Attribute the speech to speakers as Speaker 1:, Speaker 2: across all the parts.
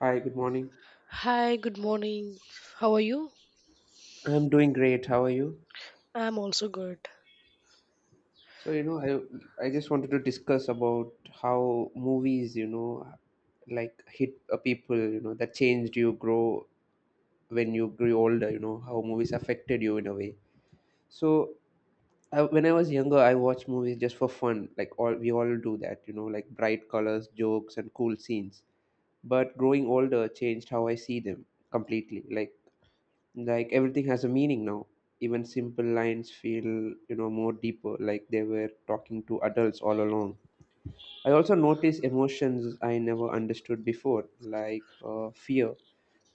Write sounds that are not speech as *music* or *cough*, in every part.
Speaker 1: Hi, good morning.
Speaker 2: Hi, good morning. How are you?
Speaker 1: I'm doing great. How are you?
Speaker 2: I'm also good.
Speaker 1: So, I just wanted to discuss about how movies, like hit a people, that changed you grow when you grew older, how movies affected you in a way. So, I, when I was younger, I watched movies just for fun, like all we all do that, like bright colors, jokes, and cool scenes. But growing older changed how I see them completely. Like everything has a meaning now, even simple lines feel more deeper, like they were talking to adults all along. I also notice emotions I never understood before, like fear,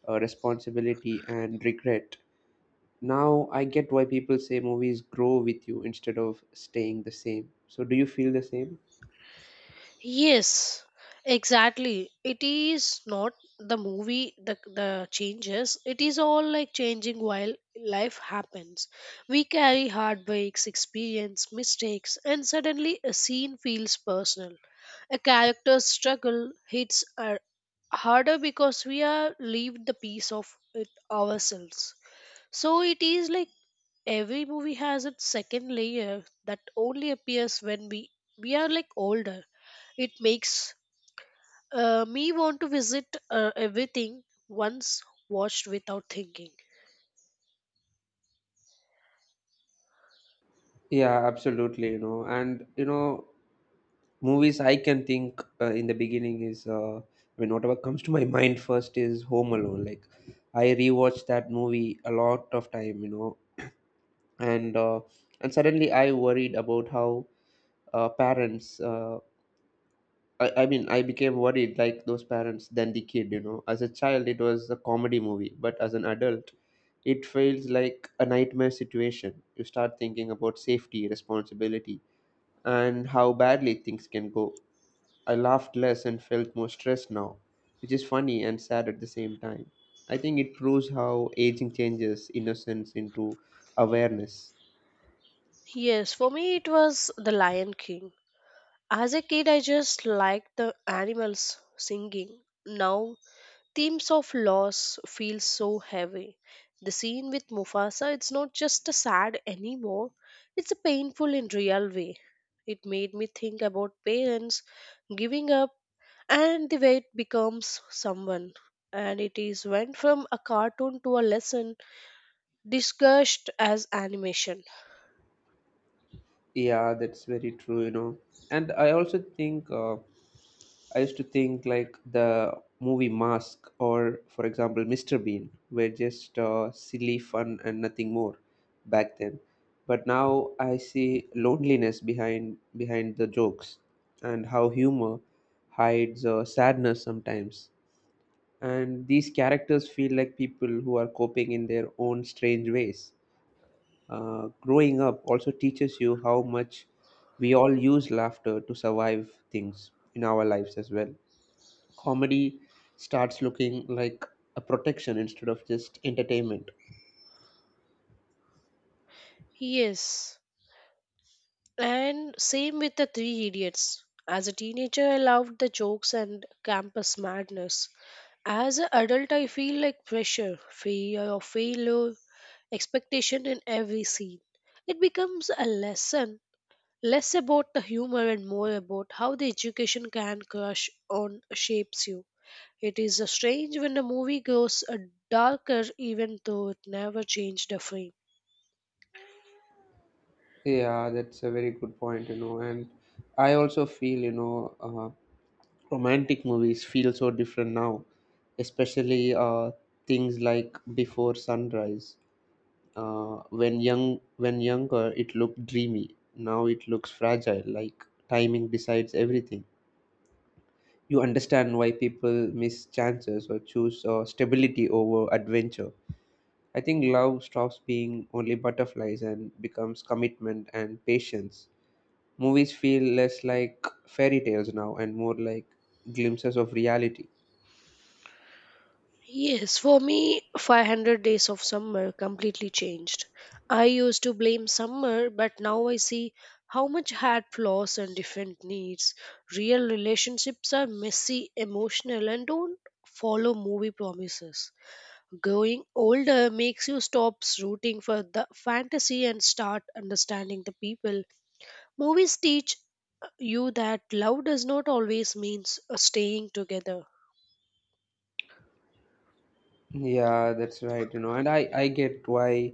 Speaker 1: responsibility, and regret. Now I get why people say movies grow with you instead of staying the same. So do you feel the same?
Speaker 2: Yes, exactly. It is not the movie the changes. It is all like changing while life happens. We carry heartbreaks, experience, mistakes, and suddenly a scene feels personal. A character's struggle hits are harder because we are leave the piece of it ourselves. So it is like every movie has its second layer that only appears when we are like older. It makes me want to visit everything once watched without thinking.
Speaker 1: Yeah, absolutely, and movies I can think in the beginning is I mean whatever comes to my *laughs* mind first is Home Alone. Like I rewatched that movie a lot of time, and uh, and suddenly I worried about how parents. I mean I became worried like those parents than the kid. As a child, it was a comedy movie, but as an adult, it feels like a nightmare situation. You start thinking about safety, responsibility, and how badly things can go. I laughed less and felt more stressed now, which is funny and sad at the same time. I think it proves how aging changes innocence into awareness.
Speaker 2: Yes, for me it was The Lion King. As a kid, I just liked the animals singing. Now themes of loss feel so heavy. The scene with Mufasa, it's not just a sad anymore, it's a painful in real way. It made me think about parents giving up and the way it becomes someone. And it is went from a cartoon to a lesson discussed as animation.
Speaker 1: Yeah, that's very true. And I also think, I used to think like the movie Mask or, for example, Mr. Bean were just silly fun and nothing more back then. But now I see loneliness behind the jokes and how humor hides sadness sometimes. And these characters feel like people who are coping in their own strange ways. Growing up also teaches you how much we all use laughter to survive things in our lives as well. Comedy starts looking like a protection instead of just entertainment.
Speaker 2: Yes, and same with the Three Idiots. As a teenager, I loved the jokes and campus madness. As an adult, I feel like pressure, fear of failure, expectation in every scene. It becomes a lesson, less about the humor and more about how the education can crush on shapes you. It is strange when a movie grows darker even though it never changed a frame.
Speaker 1: Yeah, that's a very good point. And I also feel, uh, romantic movies feel so different now, especially things like Before Sunrise. Uh, when young, when younger, it looked dreamy. Now it looks fragile, like timing decides everything. You understand why people miss chances or choose stability over adventure. I think love stops being only butterflies and becomes commitment and patience. Movies feel less like fairy tales now and more like glimpses of reality.
Speaker 2: Yes, for me, 500 days of summer completely changed. I used to blame summer, but now I see how much had flaws and different needs. Real relationships are messy, emotional, and don't follow movie promises. Growing older makes you stop rooting for the fantasy and start understanding the people. Movies teach you that love does not always means staying together.
Speaker 1: Yeah, that's right, and I get why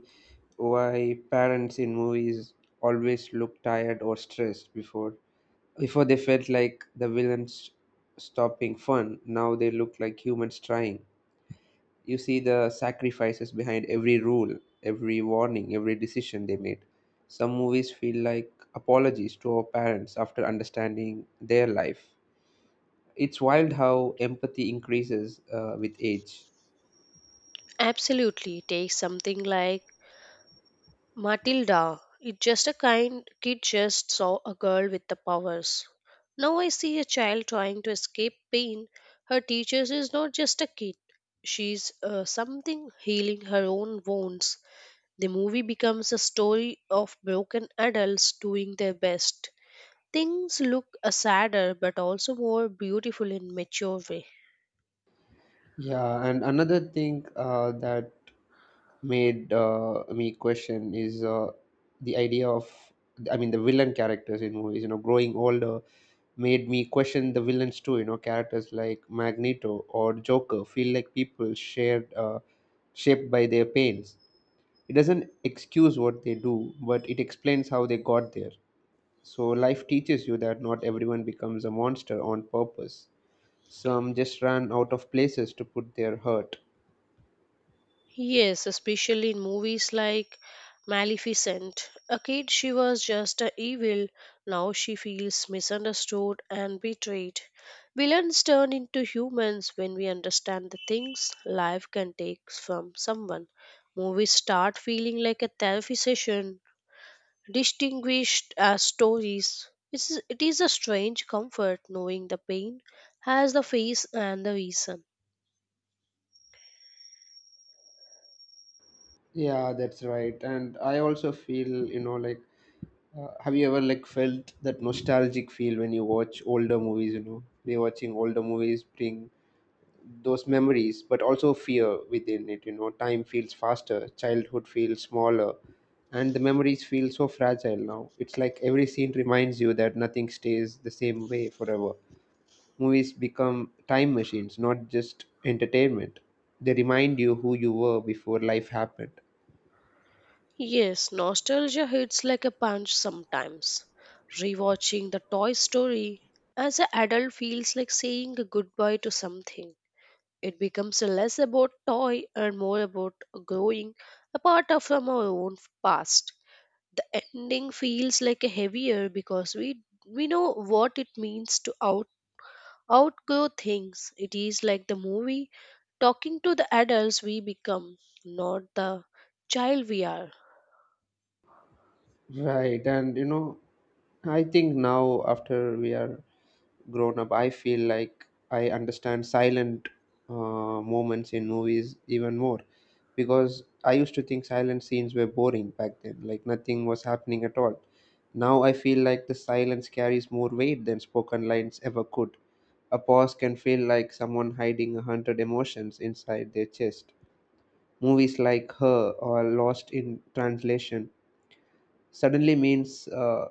Speaker 1: why parents in movies always look tired or stressed before they felt like the villains stopping fun. Now they look like humans trying. You see the sacrifices behind every rule, every warning, every decision they made. Some movies feel like apologies to our parents after understanding their life. It's wild how empathy increases with age.
Speaker 2: Absolutely. Take something like Matilda, it's just a kind kid just saw a girl with the powers. Now I see a child trying to escape pain. Her teacher is not just a kid. She's something healing her own wounds. The movie becomes a story of broken adults doing their best. Things look sadder but also more beautiful in mature way.
Speaker 1: Yeah, and another thing that made me question is the idea of, I mean, the villain characters in movies, growing older made me question the villains too. Characters like Magneto or Joker feel like people shared shaped by their pains. It doesn't excuse what they do, but it explains how they got there. So life teaches you that not everyone becomes a monster on purpose. Some just ran out of places to put their hurt.
Speaker 2: Yes, especially in movies like Maleficent. A kid, she was just a evil. Now she feels misunderstood and betrayed. Villains turn into humans when we understand the things life can take from someone. Movies start feeling like a therapy session, distinguished as stories. It is a strange comfort knowing the pain has the face and the reason.
Speaker 1: Yeah, that's right. And I also feel, like, have you ever like felt that nostalgic feel when you watch older movies? Rewatching older movies bring those memories, but also fear within it. Time feels faster, childhood feels smaller, and the memories feel so fragile now. It's like every scene reminds you that nothing stays the same way forever. Movies become time machines, not just entertainment. They remind you who you were before life happened.
Speaker 2: Yes, nostalgia hits like a punch sometimes. Rewatching the Toy Story as an adult feels like saying a goodbye to something. It becomes less about toy and more about growing a part of from our own past. The ending feels like a heavier because we know what it means to outgrow things. It is like the movie talking to the adults we become, not the child we are.
Speaker 1: Right, and I think now after we are grown up, I feel like I understand silent uh, moments in movies even more, because I used to think silent scenes were boring back then, like nothing was happening at all. Now I feel like the silence carries more weight than spoken lines ever could. A pause can feel like someone hiding a hundred emotions inside their chest. Movies like Her or Lost in Translation suddenly means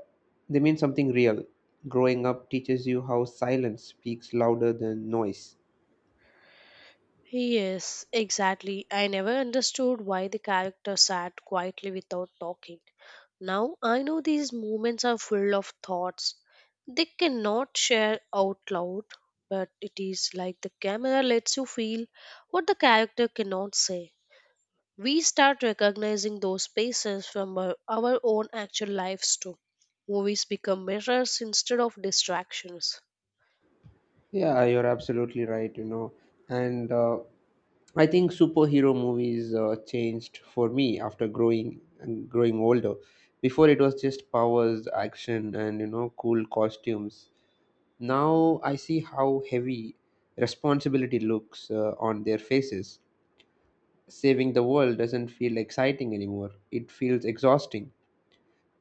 Speaker 1: they mean something real. Growing up teaches you how silence speaks louder than noise.
Speaker 2: Yes, exactly. I never understood why the character sat quietly without talking. Now I know these moments are full of thoughts. They cannot share out loud, but it is like the camera lets you feel what the character cannot say. We start recognizing those spaces from our own actual lives too. Movies become mirrors instead of distractions.
Speaker 1: Yeah, you're absolutely right. And I think superhero movies changed for me after growing older. Before it was just powers, action, and cool costumes. Now I see how heavy responsibility looks on their faces. Saving the world doesn't feel exciting anymore. It feels exhausting.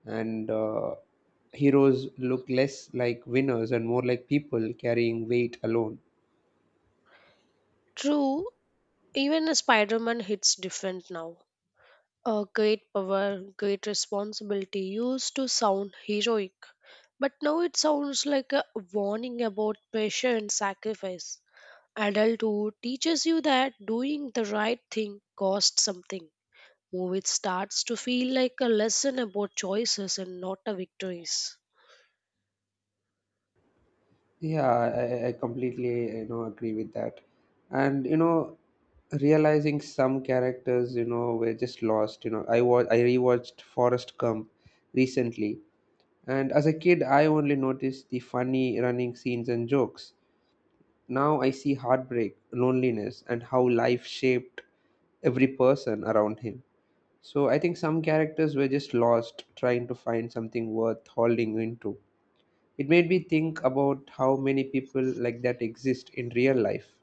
Speaker 1: And heroes look less like winners and more like people carrying weight alone.
Speaker 2: True, even a Spider Man hits different now. A great power, great responsibility used to sound heroic, but now it sounds like a warning about pressure and sacrifice. Adulthood teaches you that doing the right thing costs something. Movie starts to feel like a lesson about choices and not a victories.
Speaker 1: Yeah, I completely agree with that, and realizing some characters were just lost. I rewatched Forrest Gump recently, and as a kid, I only noticed the funny running scenes and jokes. Now I see heartbreak, loneliness, and how life shaped every person around him. So I think some characters were just lost trying to find something worth holding into. It made me think about how many people like that exist in real life.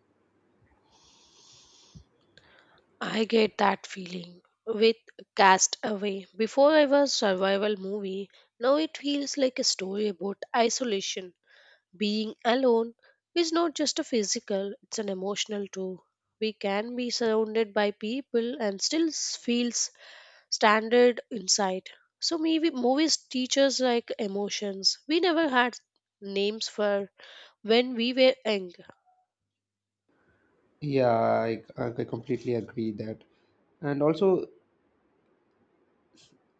Speaker 2: I get that feeling with Cast Away. Before I was survival movie, now it feels like a story about isolation being alone is not just a physical, it's an emotional too. We can be surrounded by people and still feels standard inside. So maybe movies teach us like emotions. We never had names for when we were young.
Speaker 1: Yeah, I completely agree that. And also,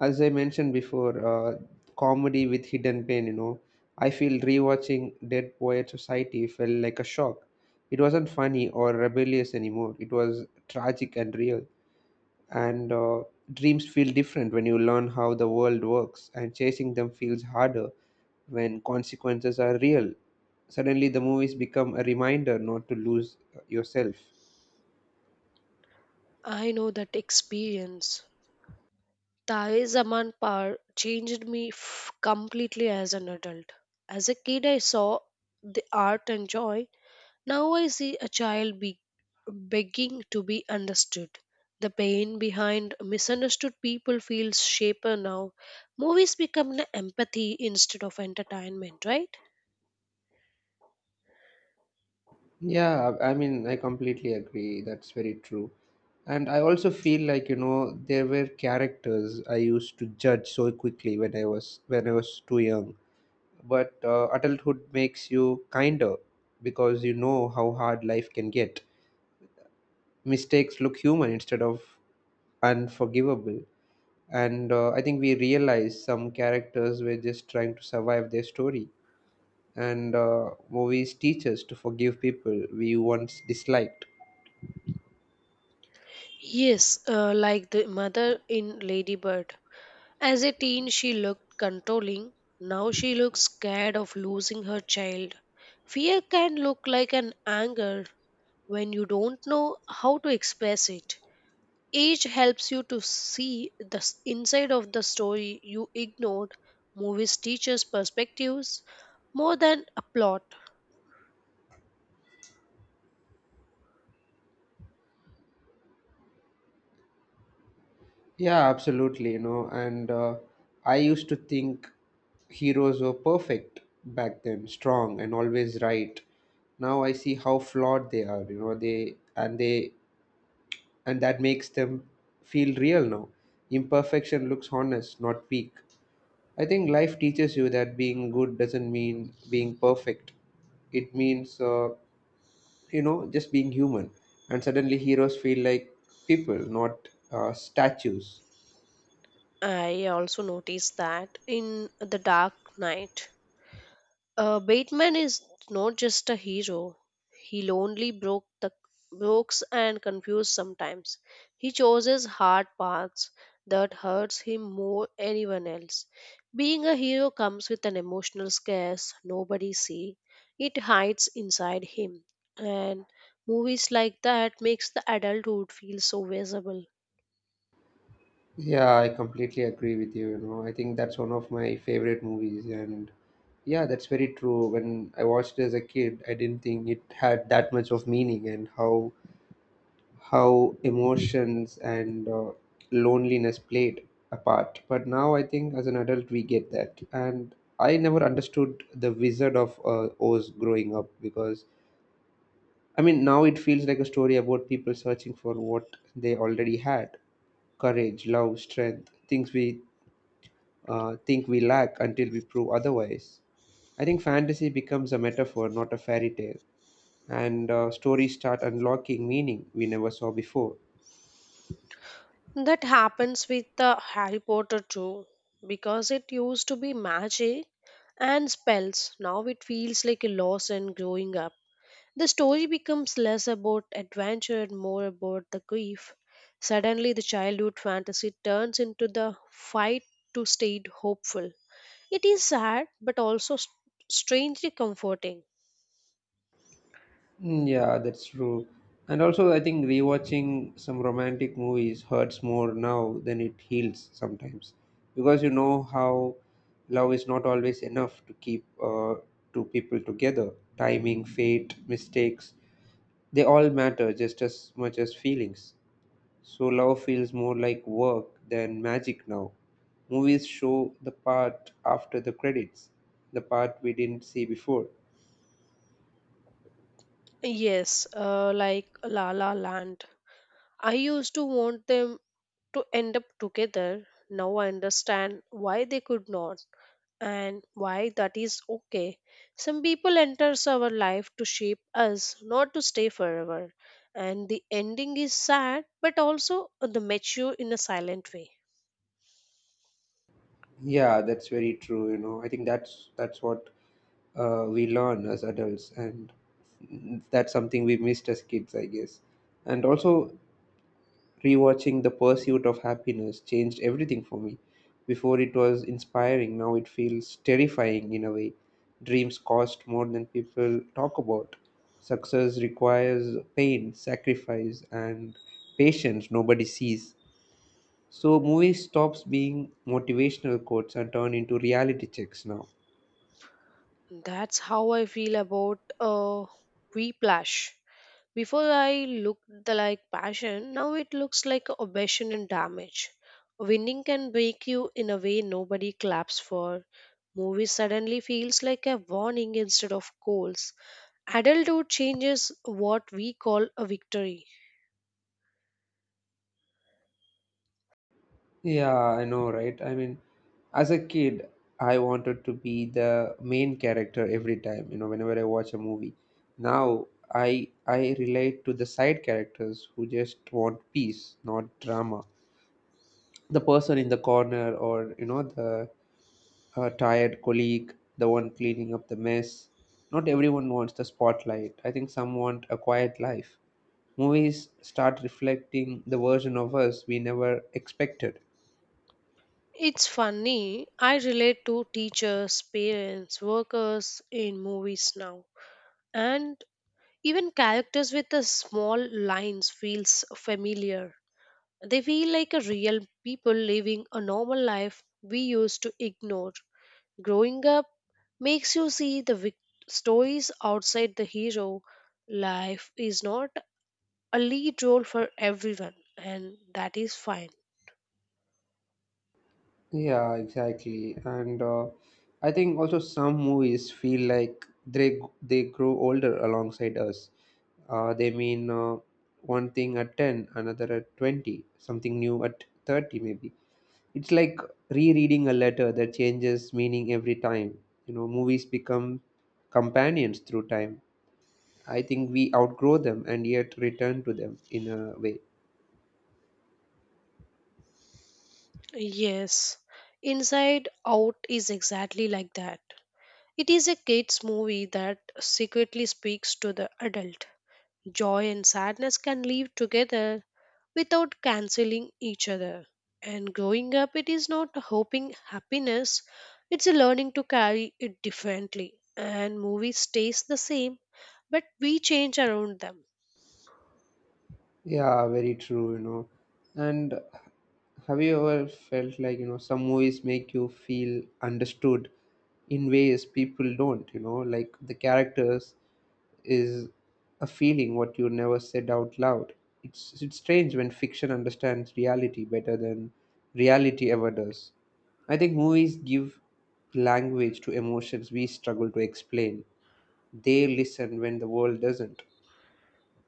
Speaker 1: as I mentioned before, comedy with hidden pain, I feel rewatching Dead Poet Society felt like a shock. It wasn't funny or rebellious anymore, it was tragic and real. And dreams feel different when you learn how the world works, and chasing them feels harder when consequences are real. Suddenly the movies become a reminder not to lose yourself.
Speaker 2: I know that experience. Tae Zaman Par changed me completely as an adult. As a kid, I saw the art and joy. Now I see a child begging to be understood. The pain behind misunderstood people feels shaper now. Movies become an empathy instead of entertainment, right?
Speaker 1: Yeah, I mean I completely agree. That's very true. And I also feel like, there were characters I used to judge so quickly when I was too young. But adulthood makes you kinder because you know how hard life can get. Mistakes look human instead of unforgivable. And I think we realize some characters were just trying to survive their story. And movies teach us to forgive people we once disliked.
Speaker 2: Yes, like the mother in Ladybird. As a teen, she looked controlling. Now she looks scared of losing her child. Fear can look like an anger when you don't know how to express it. Age helps you to see the inside of the story you ignored. Movies teaches perspectives more than a plot.
Speaker 1: Yeah, absolutely. And I used to think heroes were perfect back then, strong and always right. Now I see how flawed they are. They and that makes them feel real now. Imperfection looks honest, not weak. I think life teaches you that being good doesn't mean being perfect. It means, just being human. And suddenly heroes feel like people, not statues.
Speaker 2: I also noticed that in The Dark Knight, Bateman is not just a hero. He lonely broke the brooks and confused sometimes. He chooses hard paths that hurts him more anyone else. Being a hero comes with an emotional scarce nobody see. It hides inside him. And movies like that makes the adulthood feel so visible.
Speaker 1: Yeah, I completely agree with you. I think that's one of my favorite movies. And yeah, that's very true. When I watched it as a kid, I didn't think it had that much of meaning, and how emotions and loneliness played a part. But now I think as an adult we get that. And I never understood the Wizard of Oz growing up, because I mean now it feels like a story about people searching for what they already had: courage, love, strength, things we think we lack until we prove otherwise. I think fantasy becomes a metaphor, not a fairy tale. And stories start unlocking meaning we never saw before.
Speaker 2: That happens with the Harry Potter too, because it used to be magic and spells. Now it feels like a loss and growing up. The story becomes less about adventure and more about the grief. Suddenly, the childhood fantasy turns into the fight to stay hopeful. It is sad, but also strangely comforting.
Speaker 1: Mm, yeah, that's true. And also, I think rewatching some romantic movies hurts more now than it heals sometimes, because you know how love is not always enough to keep two people together. Timing, fate, mistakes, they all matter just as much as feelings. So love feels more like work than magic now. Movies show the part after the credits, the part we didn't see before.
Speaker 2: Yes, like La La Land. I used to want them to end up together. Now I understand why they could not and why that is okay. Some people enters our life to shape us, not to stay forever. And the ending is sad, but also the mature in a silent way.
Speaker 1: Yeah, that's very true. I think that's what we learn as adults, and that's something we missed as kids, I guess. And also, rewatching The Pursuit of Happiness changed everything for me. Before it was inspiring, now it feels terrifying in a way. Dreams cost more than people talk about. Success requires pain, sacrifice, and patience nobody sees. So movies stops being motivational quotes and turn into reality checks now.
Speaker 2: That's how I feel about Whiplash. Before I looked like passion, now it looks like obsession and damage. Winning can break you in a way nobody claps for. Movie suddenly feels like a warning instead of goals. Adulthood changes what we call a victory.
Speaker 1: Yeah, I know, right? I mean, as a kid, I wanted to be the main character every time, whenever I watch a movie. Now I relate to the side characters who just want peace, not drama. The person in the corner or, the tired colleague, the one cleaning up the mess. Not everyone wants the spotlight. I think some want a quiet life. Movies start reflecting the version of us we never expected.
Speaker 2: It's funny, I relate to teachers, parents, workers in movies now. And even characters with the small lines feels familiar. They feel like a real people living a normal life we used to ignore. Growing up makes you see the stories outside the hero. Life is not a lead role for everyone, and that is fine.
Speaker 1: Yeah, exactly. And I think also some movies feel like they grow older alongside us. They mean one thing at 10, another at 20, something new at 30 maybe. It's like rereading a letter that changes meaning every time. You know, movies become companions through time. I think we outgrow them and yet return to them in a way.
Speaker 2: Yes, Inside Out is exactly like that. It is a kids' movie that secretly speaks to the adult. Joy and sadness can live together without canceling each other. And growing up, it is not hoping happiness, it's a learning to carry it differently. And movie stays the same, but we change around them.
Speaker 1: Yeah, very true, you know. And have you ever felt like, you know, some movies make you feel understood in ways people don't, you know, like the characters is a feeling what you never said out loud. It's strange when fiction understands reality better than reality ever does. I think movies give language to emotions we struggle to explain. They listen when the world doesn't.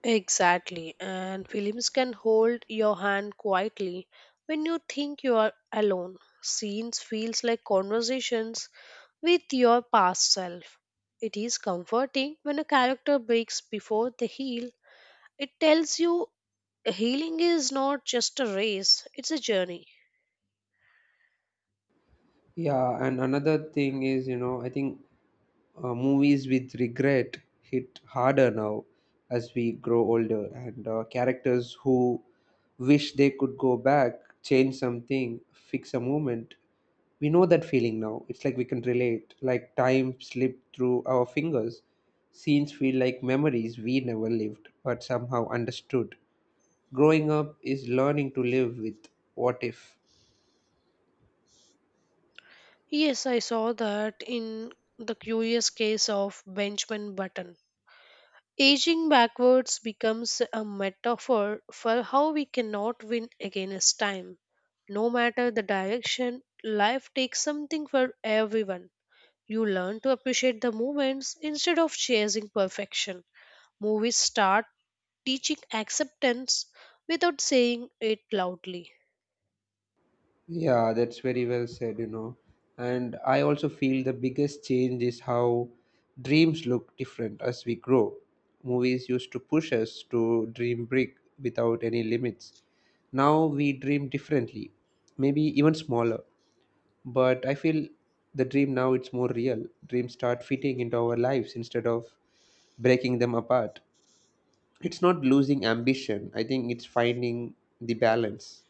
Speaker 2: Exactly, and films can hold your hand quietly when you think you are alone. Scenes feels like conversations with your past self. It is comforting when a character breaks before they heal. It tells you healing is not just a race, it's a journey.
Speaker 1: Yeah, and another thing is, you know, I think movies with regret hit harder now as we grow older, and characters who wish they could go back, change something, fix a moment. We know that feeling now. It's like we can relate, like time slipped through our fingers. Scenes feel like memories we never lived, but somehow understood. Growing up is learning to live with what if.
Speaker 2: Yes, I saw that in the curious case of Benjamin Button. Aging backwards becomes a metaphor for how we cannot win against time. No matter the direction, life takes something for everyone. You learn to appreciate the moments instead of chasing perfection. Movies start teaching acceptance without saying it loudly.
Speaker 1: Yeah, that's very well said, you know. And I also feel the biggest change is how dreams look different as we grow. Movies used to push us to dream big without any limits. Now we dream differently, maybe even smaller. But I feel the dream now it's more real. Dreams start fitting into our lives instead of breaking them apart. It's not losing ambition. I think it's finding the balance.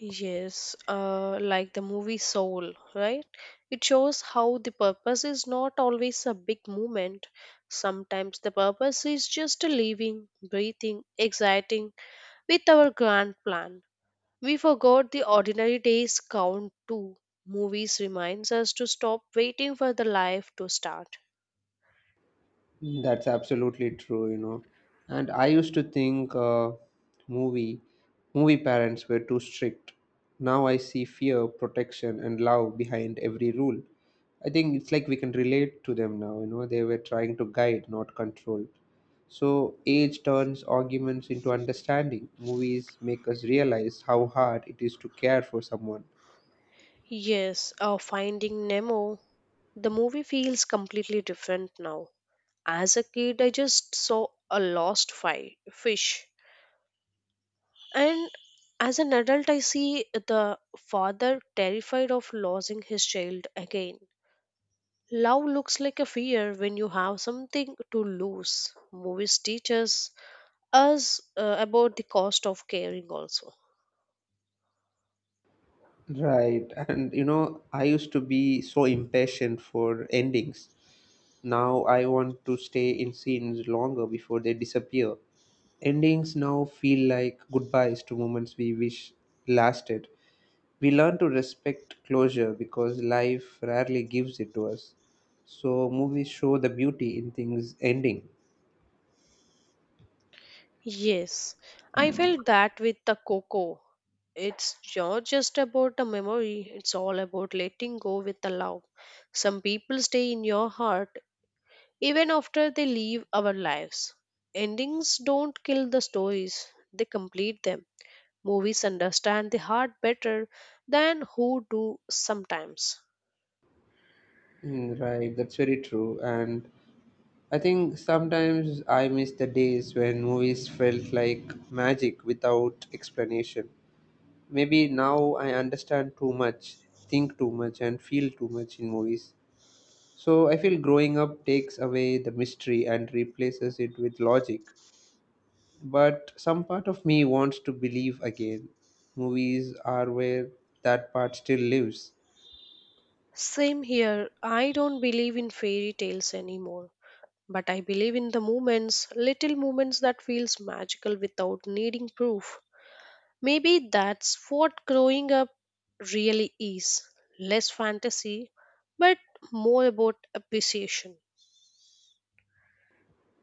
Speaker 2: Yes, like the movie Soul, right? It shows how the purpose is not always a big movement. Sometimes the purpose is just living, breathing, exciting with our grand plan. We forgot the ordinary days count too. Movies reminds us to stop waiting for the life to start.
Speaker 1: That's absolutely true, you know. And I used to think movie movie parents were too strict. Now I see fear, protection, and love behind every rule. I think it's like we can relate to them now, you know. They were trying to guide, not control. So age turns arguments into understanding. Movies make us realize how hard it is to care for someone.
Speaker 2: Yes, Finding Nemo the movie feels completely different now. As a kid, I just saw a lost fish. And as an adult, I see the father terrified of losing his child again. Love looks like a fear when you have something to lose. Movies teaches us about the cost of caring also.
Speaker 1: Right. And you know, I used to be so impatient for endings. Now I want to stay in scenes longer before they disappear. Endings now feel like goodbyes to moments we wish lasted. We learn to respect closure because life rarely gives it to us. So movies show the beauty in things ending.
Speaker 2: Yes, I felt that with the Coco. It's not just about the memory, it's all about letting go with the love. Some people stay in your heart even after they leave our lives. Endings don't kill the stories, they complete them. Movies understand the heart better than who do sometimes.
Speaker 1: Mm, right, that's very true. And I think sometimes I miss the days when movies felt like magic without explanation. Maybe now I understand too much, think too much, and feel too much in movies. So I feel growing up takes away the mystery and replaces it with logic. But some part of me wants to believe again. Movies are where that part still lives.
Speaker 2: Same here, I don't believe in fairy tales anymore, but I believe in the moments, little moments that feels magical without needing proof. Maybe that's what growing up really is. Less fantasy, but more about appreciation.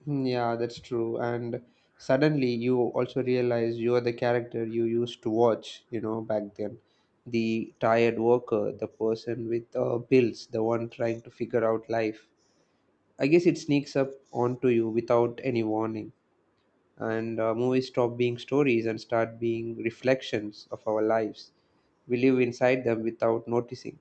Speaker 1: Hmm, yeah, that's true. And suddenly you also realize you are the character you used to watch, you know, back then. The tired worker, the person with bills, the one trying to figure out life. I guess it sneaks up onto you without any warning. And movies stop being stories and start being reflections of our lives. We live inside them without noticing.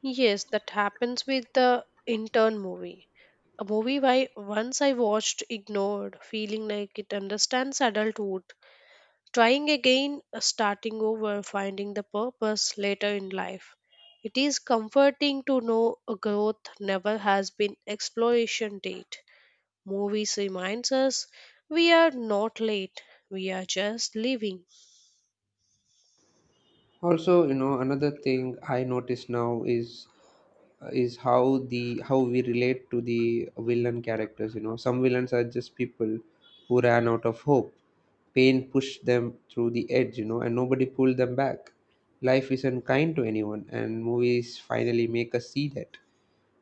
Speaker 2: Yes, that happens with the intern movie. A movie I once I watched ignored, feeling like it understands adulthood. Trying again, starting over, finding the purpose later in life. It is comforting to know a growth never has been exploration date. Movies reminds us we are not late, we are just living.
Speaker 1: Also, you know, another thing I notice now is how the how we relate to the villain characters. You know, some villains are just people who ran out of hope. Pain pushed them through the edge, you know, and nobody pulled them back. Life isn't kind to anyone, and movies finally make us see that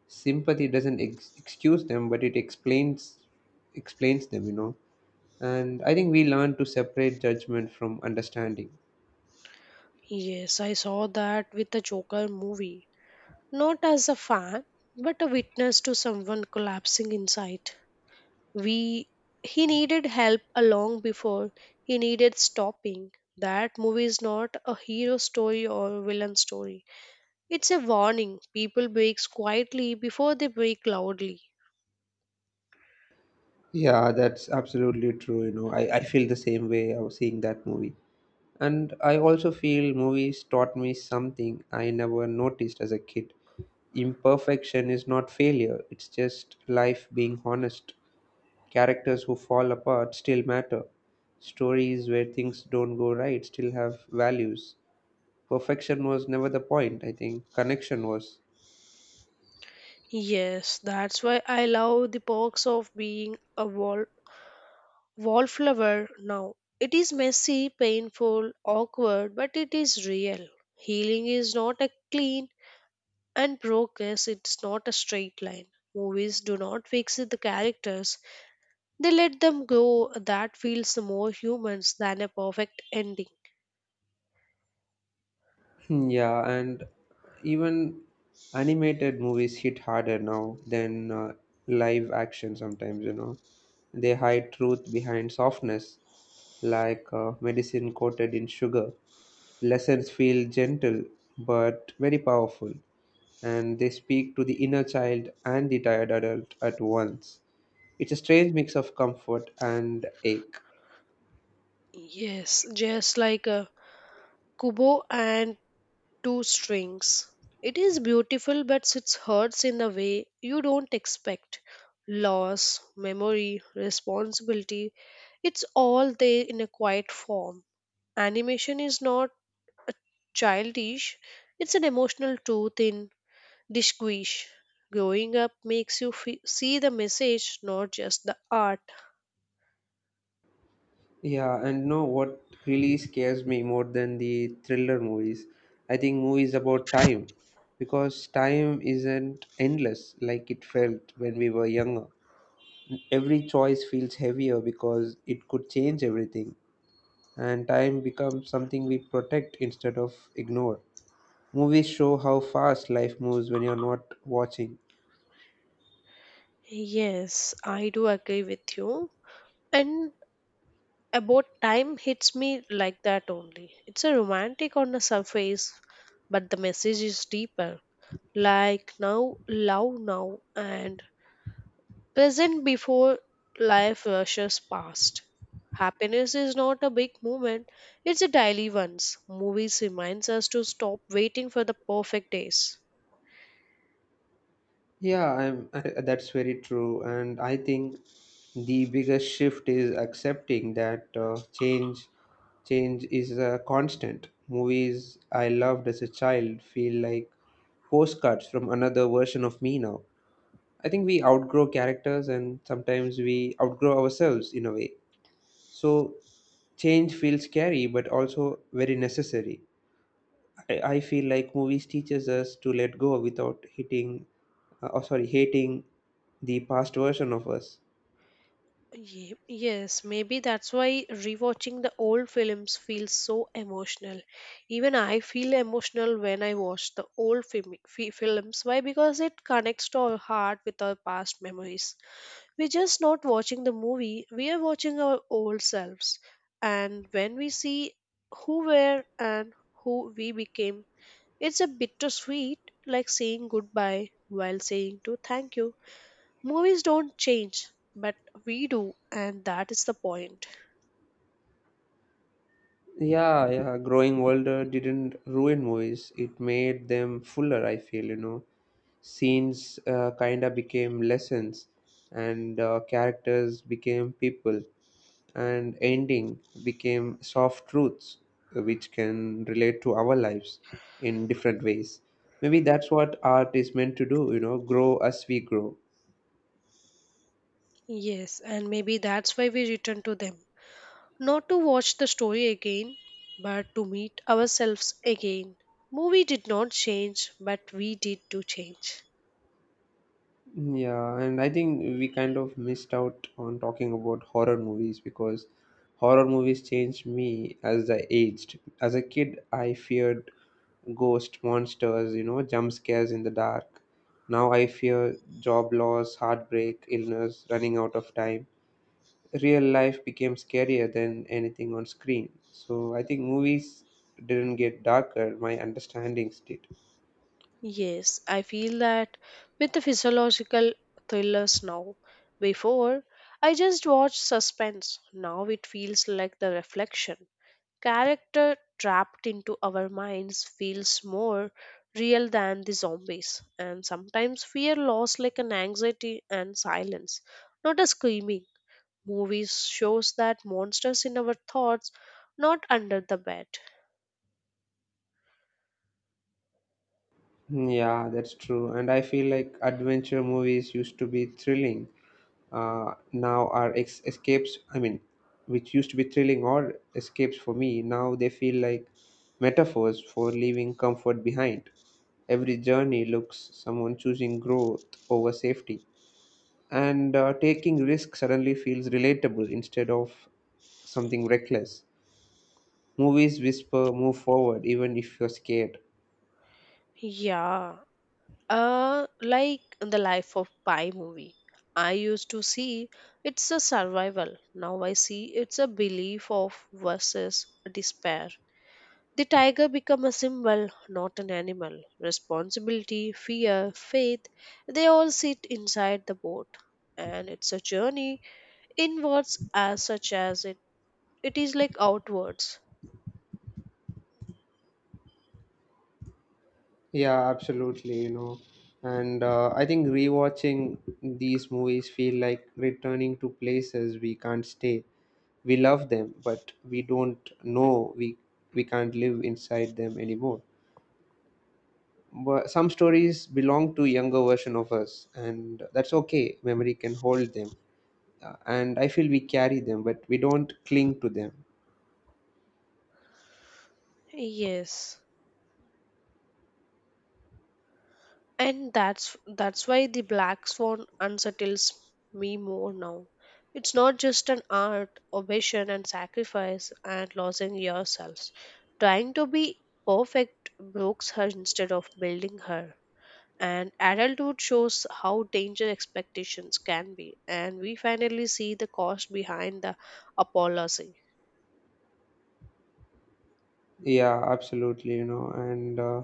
Speaker 1: sympathy doesn't excuse them, but it explains them, you know. And I think we learn to separate judgment from understanding.
Speaker 2: Yes, I saw that with the Joker movie. Not as a fan, but a witness to someone collapsing inside. We He needed help a long before he needed stopping. That movie is not a hero story or villain story. It's a warning. People break quietly before they break loudly.
Speaker 1: Yeah, that's absolutely true, you know. I feel the same way I was seeing that movie, and I also feel movies taught me something I never noticed as a kid. Imperfection is not failure, it's just life being honest. Characters who fall apart still matter. Stories where things don't go right still have values. Perfection was never the point, I think connection was.
Speaker 2: Yes, that's why I love the perks of being a wallflower now. It is messy, painful, awkward, but it is real. Healing is not a clean. And progress it's not a straight line. Movies do not fix the characters. They let them go that feels more humans than a perfect ending.
Speaker 1: Hmm, yeah. And even animated movies hit harder now than live action sometimes, you know. They hide truth behind softness, like medicine coated in sugar. Lessons feel gentle but very powerful, and they speak to the inner child and the tired adult at once. It's a strange mix of comfort and ache.
Speaker 2: Yes, just like a Kubo and two strings. It is beautiful, but it hurts in a way you don't expect. Loss, memory, responsibility, it's all there in a quiet form. Animation is not childish, it's an emotional truth in Disquish. Growing up makes you fe see the message, not just the art.
Speaker 1: Yeah, and know what really scares me more than the thriller movies? I think movies about time, because time isn't endless like it felt when we were younger. Every choice feels heavier because it could change everything, and time becomes something we protect instead of ignore. Movies show how fast life moves when you're not watching.
Speaker 2: Yes, I do agree with you. And about time hits me like that only. It's a romantic on the surface, but the message is deeper. Like now, love now, and present before life rushes past. Happiness is not a big moment, it's a daily ones. Movies reminds us to stop waiting for the perfect days.
Speaker 1: That's very true. And I think the biggest shift is accepting that change is a constant. Movies I loved as a child feel like postcards from another version of me now. I think we outgrow characters and sometimes we outgrow ourselves in a way. So change feels scary but also very necessary. I feel like movies teaches us to let go without hitting, oh sorry, hating the past version of us.
Speaker 2: Yes, maybe that's why rewatching the old films feels so emotional. Even I feel emotional when I watch the old films. Why? Because it connects to our heart with our past memories. We're just not watching the movie, we are watching our old selves. And when we see who were and who we became, it's a bittersweet, like saying goodbye while saying to thank you. Movies don't change, but we do, and that is the point.
Speaker 1: Yeah, yeah. Growing older didn't ruin movies. It made them fuller. I feel, you know, scenes kinda became lessons, and characters became people, and ending became soft truths, which can relate to our lives in different ways. Maybe that's what art is meant to do. You know, grow as we grow.
Speaker 2: Yes, and maybe that's why we return to them. Not to watch the story again, but to meet ourselves again. Movie did not change, but we did to change.
Speaker 1: Yeah, and I think we kind of missed out on talking about horror movies, because horror movies changed me as I aged. As a kid, I feared ghost monsters, you know, jump scares in the dark. Now I fear job loss, heartbreak, illness, running out of time. Real life became scarier than anything on screen. So I think movies didn't get darker, my understandings did.
Speaker 2: Yes, I feel that with the physiological thrillers now. Before, I just watched suspense. Now it feels like the reflection. Character trapped into our minds feels more real than the zombies, and sometimes fear laws like an anxiety and silence, not a screaming. Movies shows that monsters in our thoughts, not under the bed.
Speaker 1: Yeah, that's true. And I feel like adventure movies used to be thrilling. Now are ex- escapes, I mean, which used to be thrilling or escapes for me, now they feel like metaphors for leaving comfort behind. Every journey looks someone choosing growth over safety. And taking risk suddenly feels relatable instead of something reckless. Movies whisper, move forward, even if you're scared.
Speaker 2: Yeah, like the life of pi movie, I used to see it's a survival, now I see it's a belief of versus despair. The tiger become a symbol, not an animal. Responsibility, fear, faith, they all sit inside the boat. And it's a journey inwards as such as it is like outwards.
Speaker 1: Yeah, absolutely, you know. And I think rewatching these movies feel like returning to places we can't stay. We love them, but we don't know we can't live inside them anymore. But some stories belong to younger version of us, and that's okay. Memory can hold them, and I feel we carry them, but we don't cling to them.
Speaker 2: Yes. And that's why the black swan unsettles me more now. It's not just an art, obsession and sacrifice and losing yourselves. Trying to be perfect breaks her instead of building her. And adulthood shows how danger expectations can be, and we finally see the cost behind the apology.
Speaker 1: Yeah, absolutely, you know, and.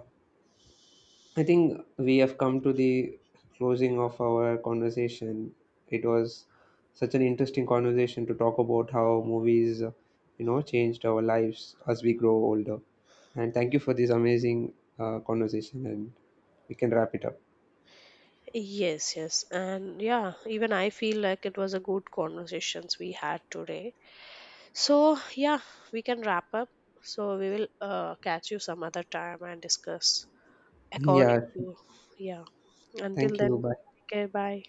Speaker 1: I think we have come to the closing of our conversation. It was such an interesting conversation to talk about how movies, you know, changed our lives as we grow older. And thank you for this amazing conversation, and we can wrap it up.
Speaker 2: Yes, yes, and yeah, even I feel like it was a good conversations we had today. So yeah, we can wrap up. So we will catch you some other time and discuss according
Speaker 1: Yeah,
Speaker 2: to. Yeah, until
Speaker 1: thank you.
Speaker 2: then.
Speaker 1: Bye.
Speaker 2: Okay, bye.